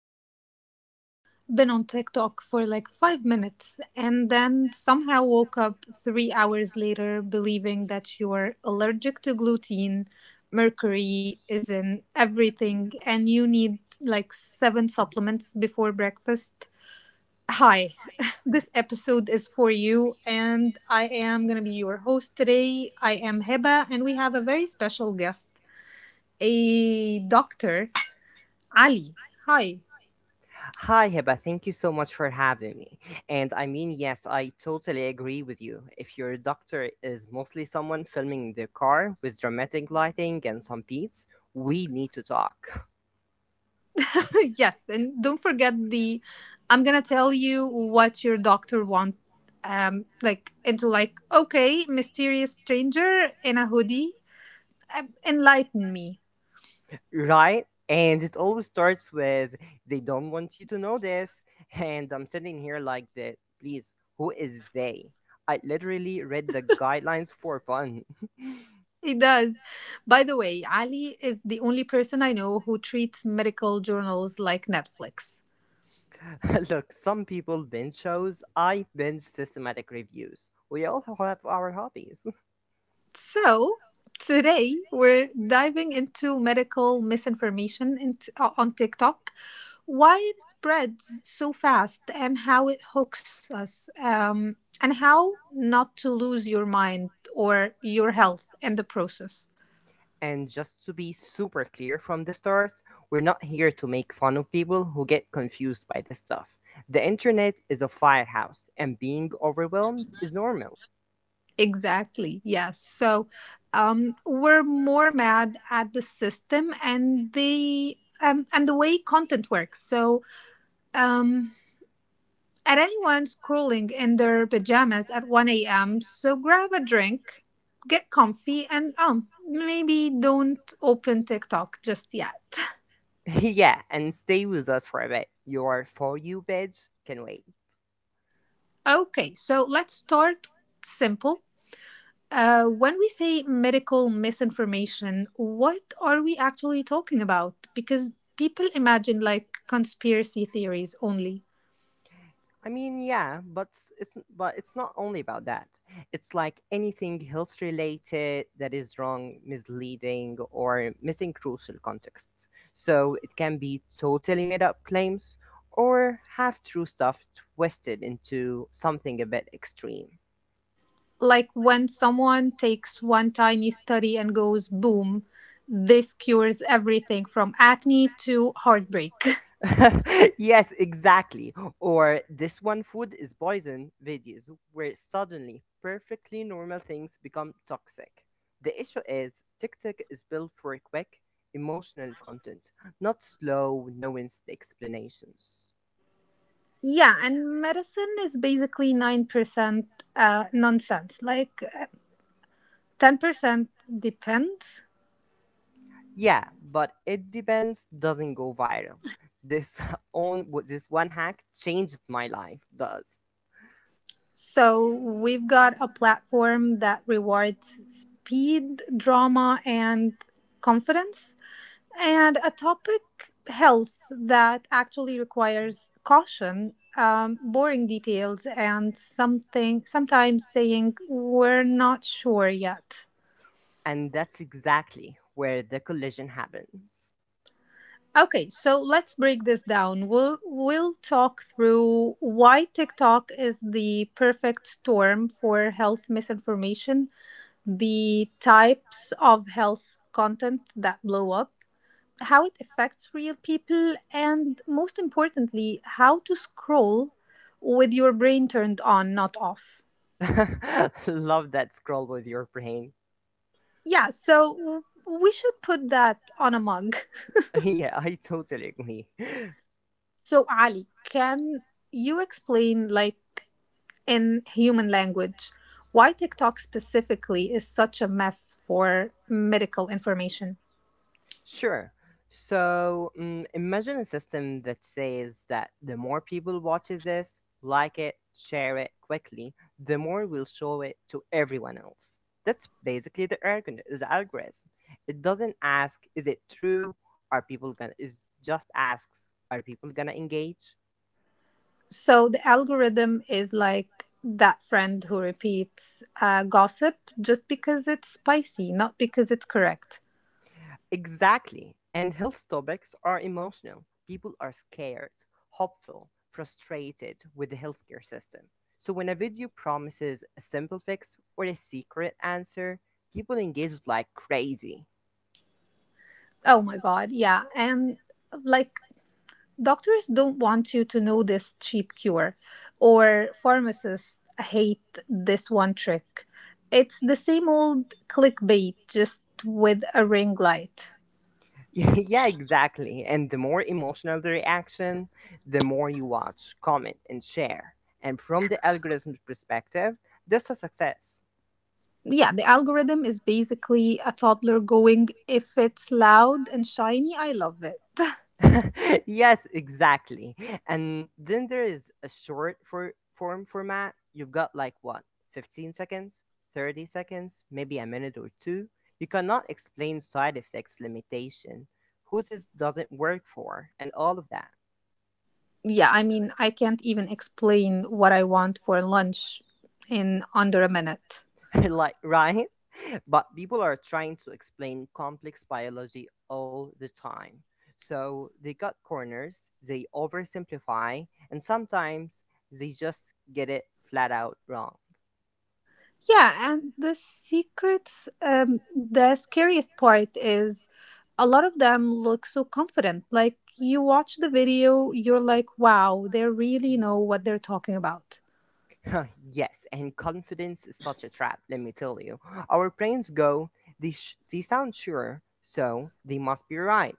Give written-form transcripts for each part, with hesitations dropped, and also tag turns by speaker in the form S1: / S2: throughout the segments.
S1: If you've ever been on TikTok for like 5 minutes and then somehow woke up 3 hours later believing that you're allergic to gluten, mercury is in everything, and you need like seven supplements before breakfast, hi, this episode is for you. And I am going to be your host today. I am Heba, and we have a very special guest, a doctor, Ali, hi.
S2: Hi, Hiba. Thank you so much for having me. And I mean, yes, I totally agree with you. If your doctor is mostly someone filming in their car with dramatic lighting and some beats, we need to talk,
S1: Yes, and don't forget the I'm gonna tell you what your doctor want like into like okay, mysterious stranger in a hoodie. Enlighten me.
S2: right? And it always starts with, they don't want you to know this. And I'm sitting here like that, please, who is they? I literally read the guidelines for fun.
S1: He does. By the way, Ali is the only person I know who treats medical journals like Netflix.
S2: Look, some people binge shows. I binge systematic reviews. We all have our hobbies.
S1: So, today we're diving into medical misinformation in on TikTok, why it spreads so fast, and how it hooks us, and how not to lose your mind or your health in the process.
S2: And just to be super clear from the start, we're not here to make fun of people who get confused by this stuff. The internet is a firehouse, and being overwhelmed is normal.
S1: Exactly, yes. So, we're more mad at the system and the way content works. Um at anyone scrolling in their pajamas at 1 a.m. So grab a drink, get comfy, and maybe don't open TikTok just yet.
S2: Yeah, and stay with us for a bit. Your For You badge can wait.
S1: Okay, so let's start simple. When we say medical misinformation, what are we actually talking about? Because people imagine like conspiracy theories only.
S2: I mean, yeah, but it's not only about that. It's like anything health related that is wrong, misleading, or missing crucial contexts. So it can be totally made up claims or half true stuff twisted into something a bit extreme.
S1: Like when someone takes one tiny study and goes, boom, this cures everything from acne to heartbreak.
S2: Yes, exactly. Or this one food is poison videos where suddenly perfectly normal things become toxic. The issue is TikTok is built for quick, emotional content, not slow, nuanced explanations.
S1: Yeah, and medicine is basically 9% nonsense, like 10% depends.
S2: Yeah, but it depends doesn't go viral. This on this one hack changed my life does.
S1: So we've got a platform that rewards speed, drama, and confidence. And a topic, health, that actually requires caution, boring details, and something sometimes saying we're not sure yet.
S2: And that's exactly where the collision happens.
S1: Okay, so let's break this down. We'll talk through why TikTok is the perfect storm for health misinformation, the types of health content that blow up, how it affects real people, and most importantly, how to scroll with your brain turned on, not off.
S2: Love that scroll with your brain.
S1: Yeah, so we should put that on a mug.
S2: Yeah, I totally agree.
S1: So, Ali, can you explain, like, in human language, why TikTok specifically is such a mess for medical information?
S2: Sure. So imagine a system that says that the more people watches this, like it, share it quickly, the more we'll show it to everyone else. That's basically the algorithm. It doesn't ask, is it true? Are people gonna? It just asks, are people gonna engage?
S1: So, the algorithm is like that friend who repeats gossip just because it's spicy, not because it's correct.
S2: Exactly. And health topics are emotional. People are scared, hopeful, frustrated with the healthcare system. So when a video promises a simple fix or a secret answer, people engage like crazy.
S1: Oh my God, yeah. And like, doctors don't want you to know this cheap cure, or pharmacists hate this one trick. It's the same old clickbait, just with a ring light.
S2: Yeah, exactly. And the more emotional the reaction, the more you watch, comment, and share. And from the algorithm's perspective, that's a success.
S1: Yeah, the algorithm is basically a toddler going, if it's loud and shiny, I love it.
S2: Yes, exactly. And then there is a short form format. You've got like what, 15 seconds, 30 seconds, maybe a minute or two. You cannot explain side effects limitation, who this doesn't work for, and all of that.
S1: Yeah, I mean, I can't even explain what I want for lunch in under a minute.
S2: Like, right? But people are trying to explain complex biology all the time. So they cut corners, they oversimplify, and sometimes they just get it flat out wrong.
S1: Yeah, and the secrets, the scariest part is a lot of them look so confident. Like, you watch the video, you're like, wow, they really know what they're talking about.
S2: Yes, and confidence is such a trap, let me tell you. Our brains go, these sound sure, so they must be right.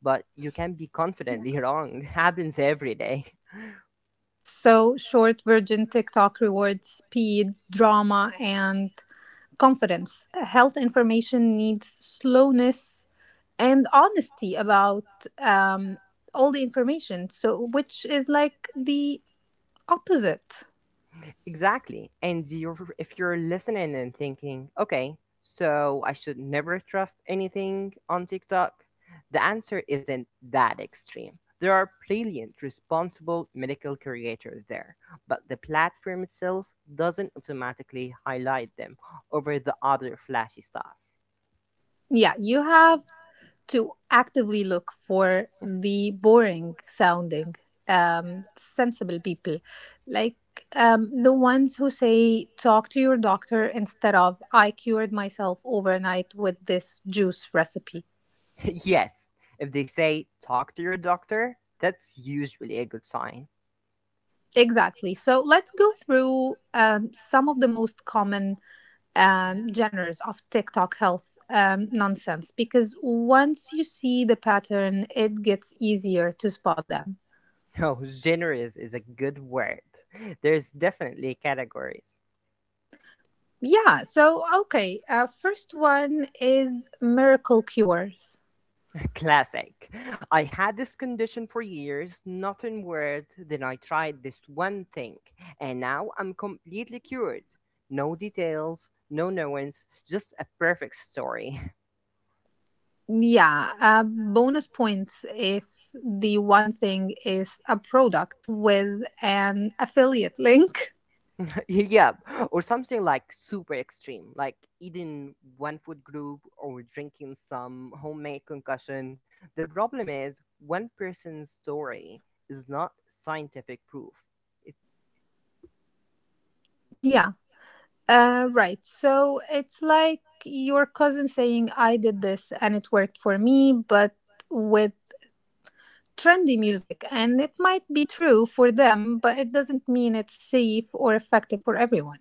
S2: But you can be
S1: Yeah.
S2: confidently wrong. Happens every day.
S1: So, short version, TikTok rewards speed, drama, and confidence. Health information needs slowness and honesty about, um, all the information. So, which is like the opposite.
S2: Exactly. And if you're listening and thinking, okay, so I should never trust anything on TikTok, the answer isn't that extreme. There are brilliant, responsible medical creators there, but the platform itself doesn't automatically highlight them over the other flashy stuff.
S1: Yeah, you have to actively look for the boring sounding, sensible people, like, the ones who say talk to your doctor instead of I cured myself overnight with this juice recipe.
S2: yes, if they say talk to your doctor, that's usually a good sign.
S1: Exactly, so let's go through some of the most common genres of TikTok health nonsense, because once you see the pattern it gets easier to spot them.
S2: No, generous is a good word. There's definitely categories.
S1: Yeah, so okay. First one is miracle cures.
S2: Classic. I had this condition for years, nothing weird. Then I tried this one thing, and now I'm completely cured. No details, no knowings, just a perfect story.
S1: Yeah, bonus points if the one thing is a product with an affiliate link.
S2: yep, or something like super extreme, like eating one food group or drinking some homemade concussion. The problem is, one person's story is not scientific proof. It
S1: Yeah, right. So it's like your cousin saying, I did this and it worked for me, but with trendy music. And it might be true for them, but it doesn't mean it's safe or effective for everyone.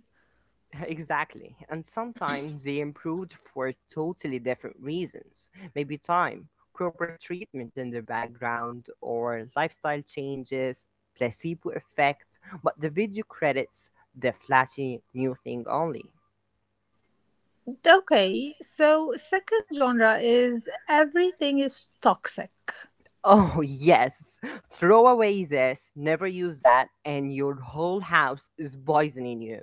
S2: Exactly. And sometimes they improved for totally different reasons. Maybe time, proper treatment in the background, or lifestyle changes, placebo effect. But the video credits the flashy new thing only.
S1: Okay, so second genre is everything is toxic.
S2: Oh, yes. Throw away this, never use that, and your whole house is poisoning you.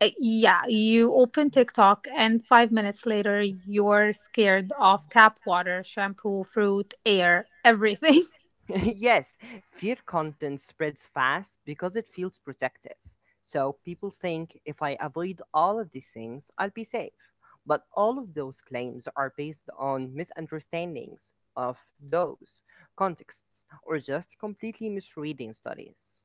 S1: Yeah, you open TikTok and 5 minutes later you're scared of tap water, shampoo, fruit, air, everything.
S2: yes, Fear content spreads fast because it feels protective. So people think if I avoid all of these things, I'll be safe. But all of those claims are based on misunderstandings of those contexts or just completely misreading studies.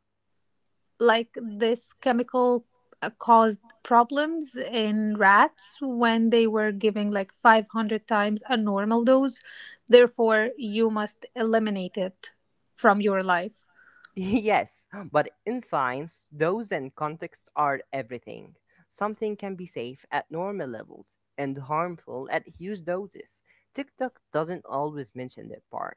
S1: Like, this chemical caused problems in rats when they were giving like 500 times a normal dose. Therefore, you must eliminate it from your life.
S2: yes, but in science, those and contexts are everything. Something can be safe at normal levels and harmful at huge doses. TikTok doesn't always mention that part.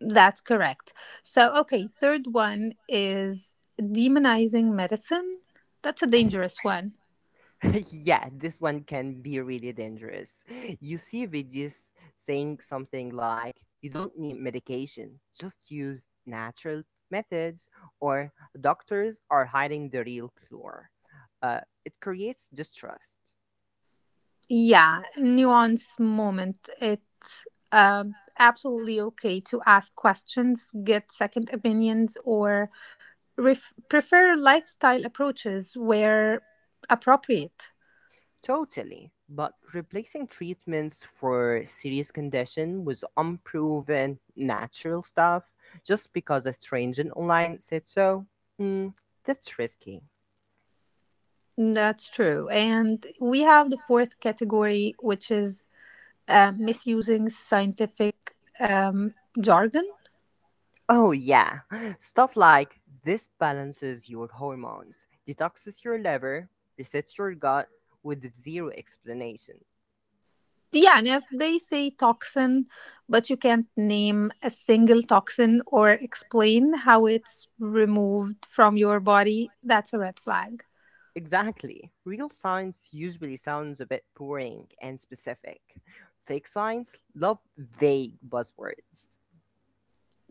S1: That's correct. So, okay, third one is demonizing medicine. That's a dangerous one.
S2: Yeah, this one can be really dangerous. You see videos saying something like, you don't need medication, just use natural methods, or doctors are hiding the real cure. Uh, it creates distrust.
S1: Yeah, nuance moment. It's, absolutely okay to ask questions, get second opinions, or prefer lifestyle approaches where appropriate.
S2: Totally. But replacing treatments for serious condition with unproven natural stuff just because a stranger online said so, mm, that's risky.
S1: That's true. And we have the fourth category, which is misusing scientific jargon.
S2: Oh, yeah. Stuff like this balances your hormones, detoxes your liver, resets your gut with zero explanation.
S1: Yeah, and if they say toxin, but you can't name a single toxin or explain how it's removed from your body, that's a red flag.
S2: Exactly. Real science usually sounds a bit boring and specific. Fake science love vague buzzwords.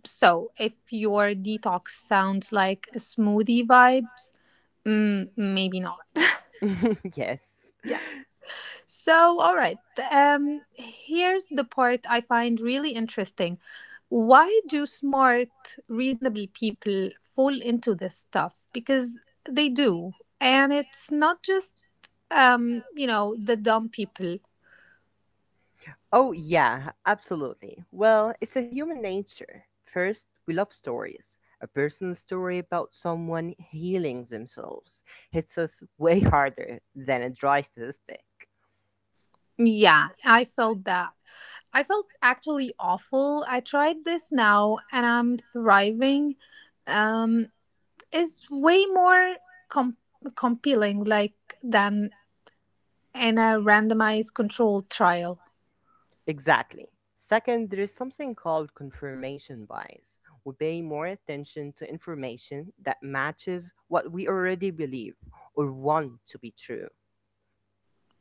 S1: So if your detox sounds like a smoothie vibes, mm, maybe not.
S2: Yes.
S1: Yeah. So, all right. Here's the part I find really interesting. Why do smart, reasonable people fall into this stuff? Because they do. And it's not just you know the dumb people.
S2: Oh, yeah, absolutely. Well, it's a human nature. First, we love stories. A personal story about someone healing themselves hits us way harder than a dry statistic.
S1: Yeah, I felt that. I felt actually awful, I tried this now and I'm thriving, um it's way more com- compelling, like, than in a randomized controlled trial.
S2: Exactly. Second, there is something called confirmation bias. We pay more attention to information that matches what we already believe or want to be true.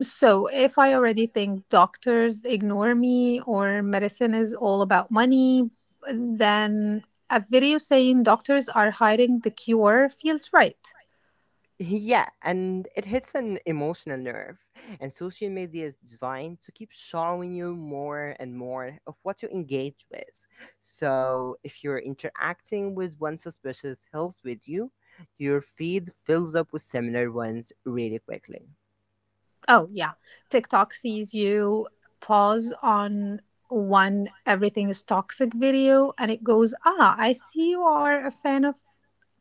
S1: So if I already think doctors ignore me or medicine is all about money, then a video saying doctors are hiding the cure feels right.
S2: Yeah, and it hits an emotional nerve. And social media is designed to keep showing you more and more of what you engage with. So if you're interacting with one suspicious health video, your feed fills up with similar ones really quickly.
S1: Oh, yeah. TikTok sees you pause on one everything is toxic video and it goes, ah, I see you are a fan of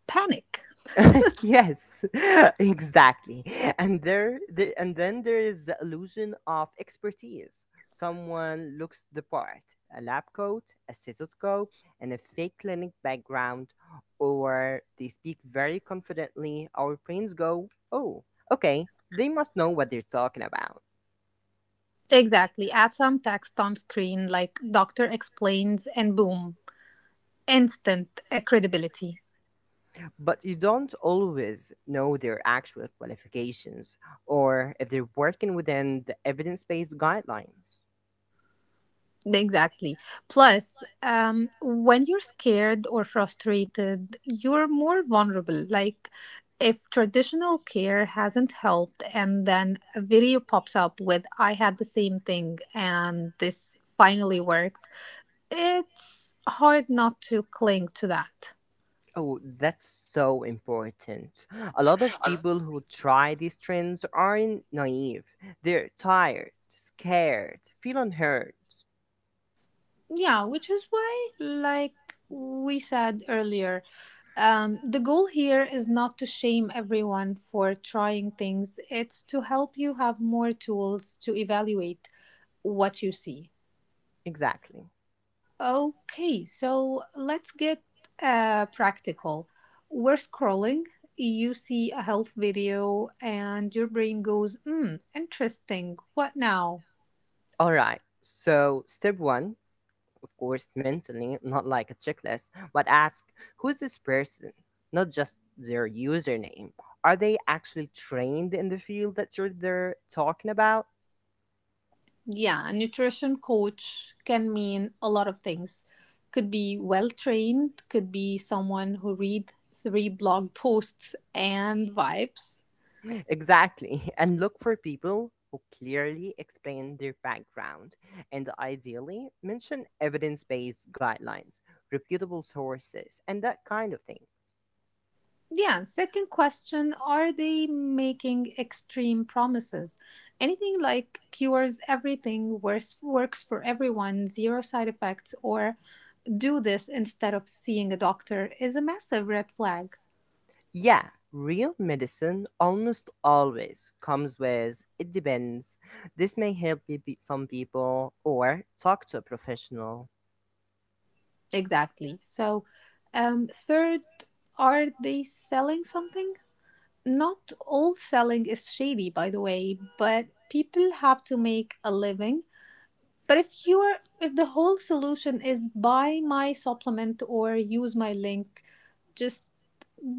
S1: panic.
S2: yes, exactly. And then there is the illusion of expertise. Someone looks the part: a lab coat, a stethoscope, and a fake clinic background, or they speak very confidently. Our brains go, "Oh, okay, they must know what they're talking about."
S1: Exactly. Add some text on screen like doctor explains and boom, instant credibility.
S2: But you don't always know their actual qualifications or if they're working within the evidence-based guidelines.
S1: Exactly. Plus, when you're scared or frustrated, you're more vulnerable. Like, if traditional care hasn't helped, and then a video pops up with, I had the same thing, and this finally worked, it's hard not to cling to that.
S2: Oh, that's so important. A lot of people who try these trends aren't naive. They're tired, scared, feel unheard.
S1: Yeah, which is why, like we said earlier, the goal here is not to shame everyone for trying things, it's to help you have more tools to evaluate what you see.
S2: Exactly.
S1: Okay, so let's get practical. We're scrolling, you see a health video, and your brain goes, hmm, interesting, what now?
S2: All right. So, step one, of course, mentally, not like a checklist, but ask who's this person? Not just their username. Are they actually trained in the field that you're they're talking about?
S1: Yeah, a nutrition coach can mean a lot of things. Could be well trained, could be someone who read three blog posts and vibes.
S2: Exactly. And look for people who clearly explain their background and ideally mention evidence based guidelines, reputable sources, and that kind of thing.
S1: Yeah, second question, are they making extreme promises? Anything like cures everything, worse works for everyone, zero side effects, or do this instead of seeing a doctor is a massive red flag.
S2: Yeah, real medicine almost always comes with it depends. This may help you beat some people or talk to a professional.
S1: Exactly. So, third, are they selling something? Not all selling is shady, by the way, but people have to make a living. But if the whole solution is buy my supplement or use my link, just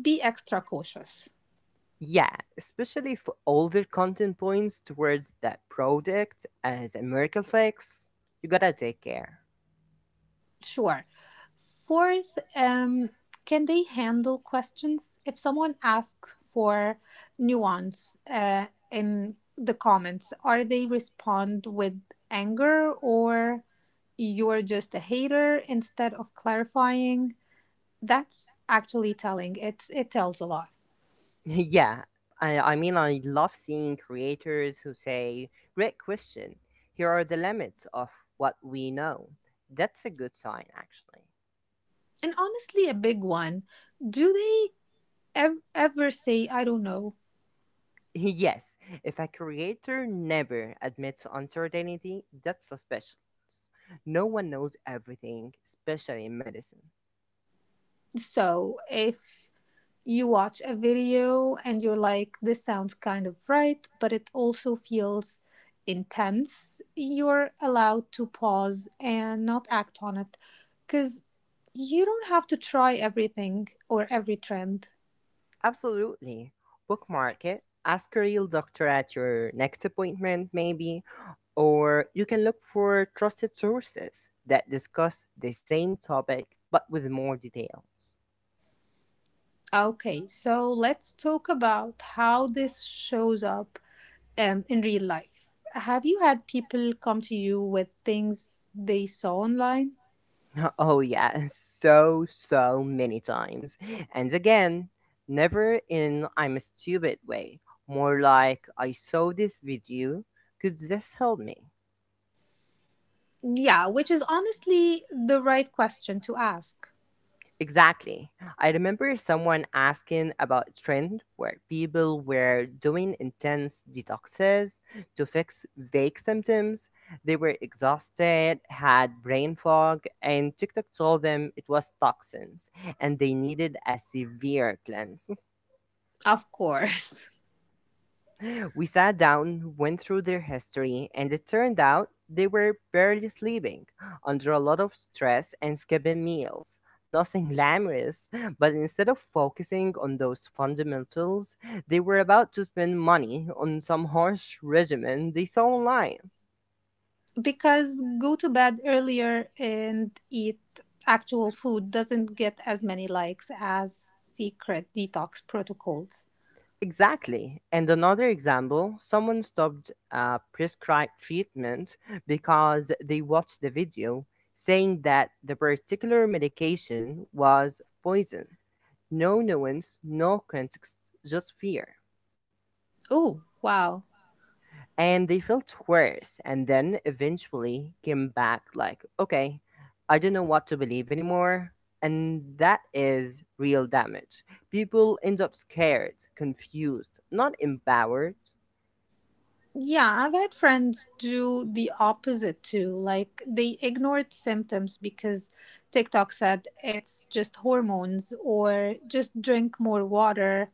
S1: be extra cautious.
S2: Yeah, especially for older content points towards that product as a miracle fix, you gotta take care.
S1: Sure. Fourth, can they handle questions? If someone asks for nuance in the comments, are they respond with anger or you're just a hater instead of clarifying? That's actually telling. It tells a lot.
S2: Yeah, I mean, I love seeing creators who say, Great question. Here are the limits of what we know. That's a good sign, actually.
S1: And honestly, a big one. Do they ever say, I don't know?
S2: Yes, if a creator never admits uncertainty, that's suspicious. No one knows everything, especially in medicine.
S1: So if you watch a video and you're like, this sounds kind of right, but it also feels intense, you're allowed to pause and not act on it. Because you don't have to try everything or every trend.
S2: Absolutely. Bookmark it. Ask a real doctor at your next appointment, maybe. Or you can look for trusted sources that discuss the same topic but with more details.
S1: Okay, so let's talk about how this shows up, in real life. Have you had people come to you with things they saw online?
S2: Oh, yeah, so, so many times. And again, never in I'm a stupid way. More like I saw this video. Could this help me?
S1: Yeah, which is honestly the right question to ask.
S2: Exactly. I remember someone asking about trend where people were doing intense detoxes to fix vague symptoms. They were exhausted, had brain fog, and TikTok told them it was toxins and they needed a severe cleanse.
S1: Of course.
S2: We sat down, went through their history, and it turned out they were barely sleeping, under a lot of stress and skipping meals. Nothing glamorous, but instead of focusing on those fundamentals, they were about to spend money on some harsh regimen they saw online.
S1: Because go to bed earlier and eat actual food doesn't get as many likes as secret detox protocols.
S2: Exactly. And another example someone stopped a prescribed treatment because they watched the video saying that the particular medication was poison. No nuance, no context, just fear.
S1: Oh, wow.
S2: And they felt worse and then eventually came back like, okay, I don't know what to believe anymore. And that is real damage. People end up scared, confused, not empowered.
S1: Yeah, I've had friends do the opposite too. Like, they ignored symptoms because TikTok said it's just hormones or just drink more water.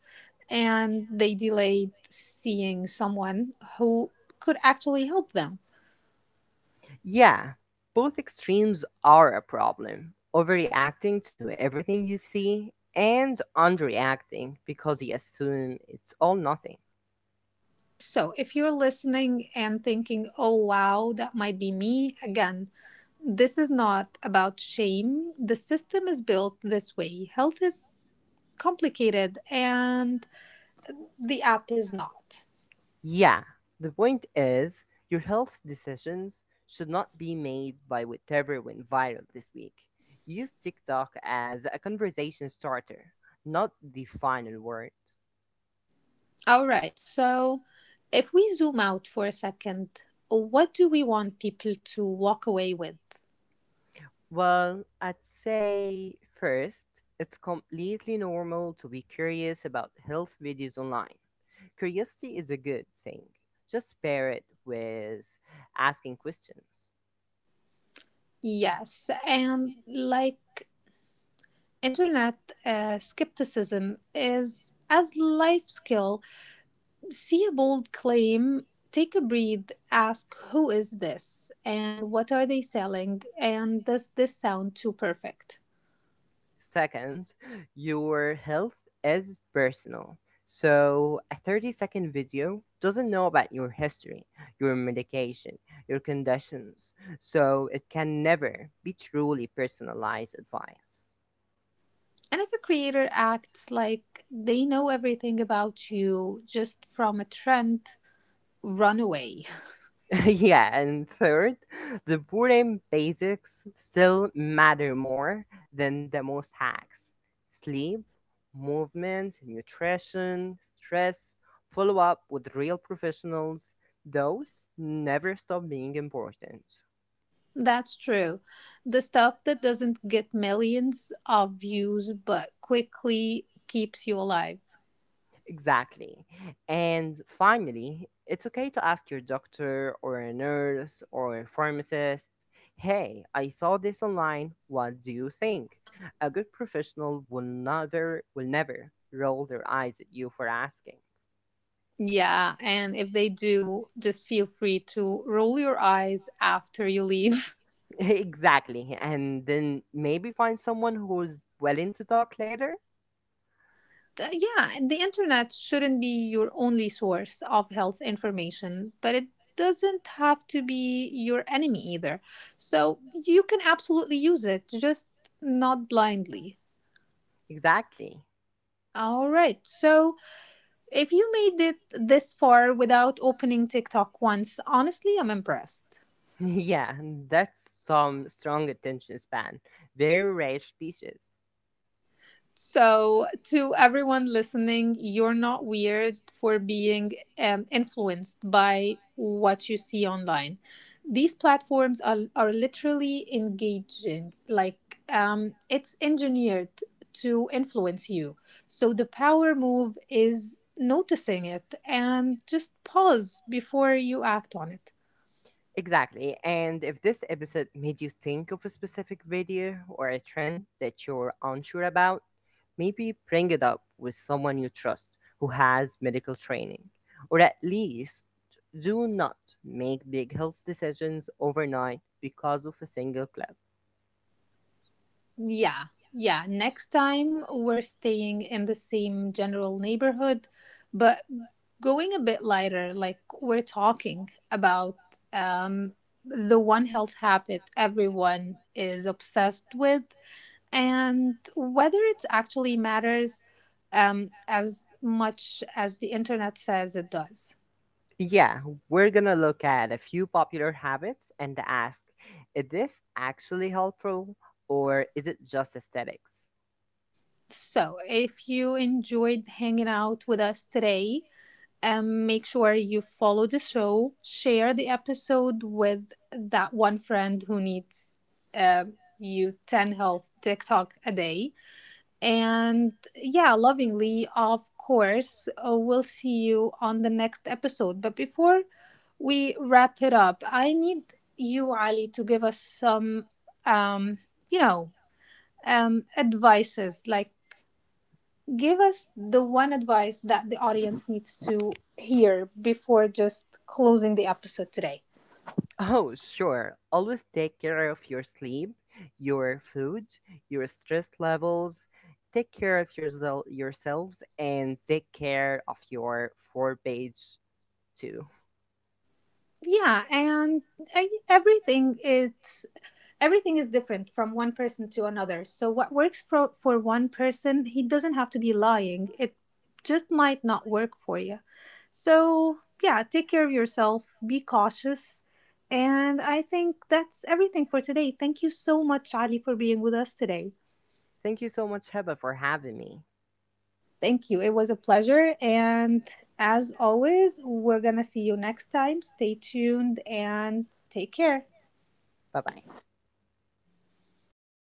S1: And they delayed seeing someone who could actually help them.
S2: Yeah, both extremes are a problem. Overreacting to everything you see and underreacting because you assume it's all nothing.
S1: So if you're listening and thinking, oh, wow, that might be me, again, this is not about shame. The system is built this way. Health is complicated and the app is not.
S2: Yeah, the point is, your health decisions should not be made by whatever went viral this week. Use TikTok as a conversation starter, not the final word.
S1: All right. So if we zoom out for a second, what do we want people to walk away with?
S2: Well, I'd say first, it's completely normal to be curious about health videos online. Curiosity is a good thing. Just pair it with asking questions.
S1: Yes. And like, internet skepticism is as life skill, see a bold claim, take a breath, ask who is this and what are they selling and does this sound too perfect?
S2: Second, your health is personal. So, a 30-second video doesn't know about your history, your medication, your conditions. So, it can never be truly personalized advice.
S1: And if a creator acts like they know everything about you just from a trend, run away.
S2: Yeah, and third, the board game basics still matter more than the most hacks. Sleep, movement, nutrition, stress, follow up with real professionals, those never stop being important.
S1: That's true. The stuff that doesn't get millions of views but quickly keeps you alive.
S2: Exactly. And finally, it's okay to ask your doctor or a nurse or a pharmacist, hey, I saw this online, what do you think? A good professional will never roll their eyes at you for asking.
S1: Yeah, and if they do, just feel free to roll your eyes after you leave.
S2: Exactly. And then maybe find someone who's willing to talk later.
S1: Yeah, the internet shouldn't be your only source of health information, but it doesn't have to be your enemy either. So you can absolutely use it, just not blindly.
S2: Exactly.
S1: All right. So if you made it this far without opening TikTok once, honestly, I'm impressed.
S2: Yeah, that's some strong attention span. Very rare species.
S1: So, to everyone listening, you're not weird for being, influenced by what you see online. These platforms are literally engaging, like, it's engineered to influence you. So, the power move is noticing it and just pause before you act on it.
S2: Exactly. And if this episode made you think of a specific video or a trend that you're unsure about, maybe bring it up with someone you trust who has medical training. Or at least do not make big health decisions overnight because of a single clip.
S1: Yeah, yeah. Next time, we're staying in the same general neighborhood but going a bit lighter, like we're talking about, um, the one health habit everyone is obsessed with, and whether it actually matters as much as the internet says it does.
S2: Yeah, we're gonna look at a few popular habits and ask is this actually helpful or is it just aesthetics?
S1: So, if you enjoyed hanging out with us today, make sure you follow the show, share the episode with that one friend who needs uh, you 10 health TikTok a day. And yeah, lovingly, of course, we'll see you on the next episode. But before we wrap it up, I need you, Ali, to give us some, um, you know, advices. Like, give us the one advice that the audience needs to hear before just closing the episode today.
S2: Oh, sure. Always take care of your sleep, your food, your stress levels. Take care of yourself, yourselves and take care of your four-page too.
S1: Yeah, and I, everything it's. Everything is different from one person to another. So what works for one person, he doesn't have to be lying. It just might not work for you. So yeah, take care of yourself, be cautious. And I think that's everything for today. Thank you so much, Ali, for being with us today.
S2: Thank you so much, Heba, for having me.
S1: Thank you. It was a pleasure. And as always, we're going to see you next time. Stay tuned and take care.
S2: Bye bye.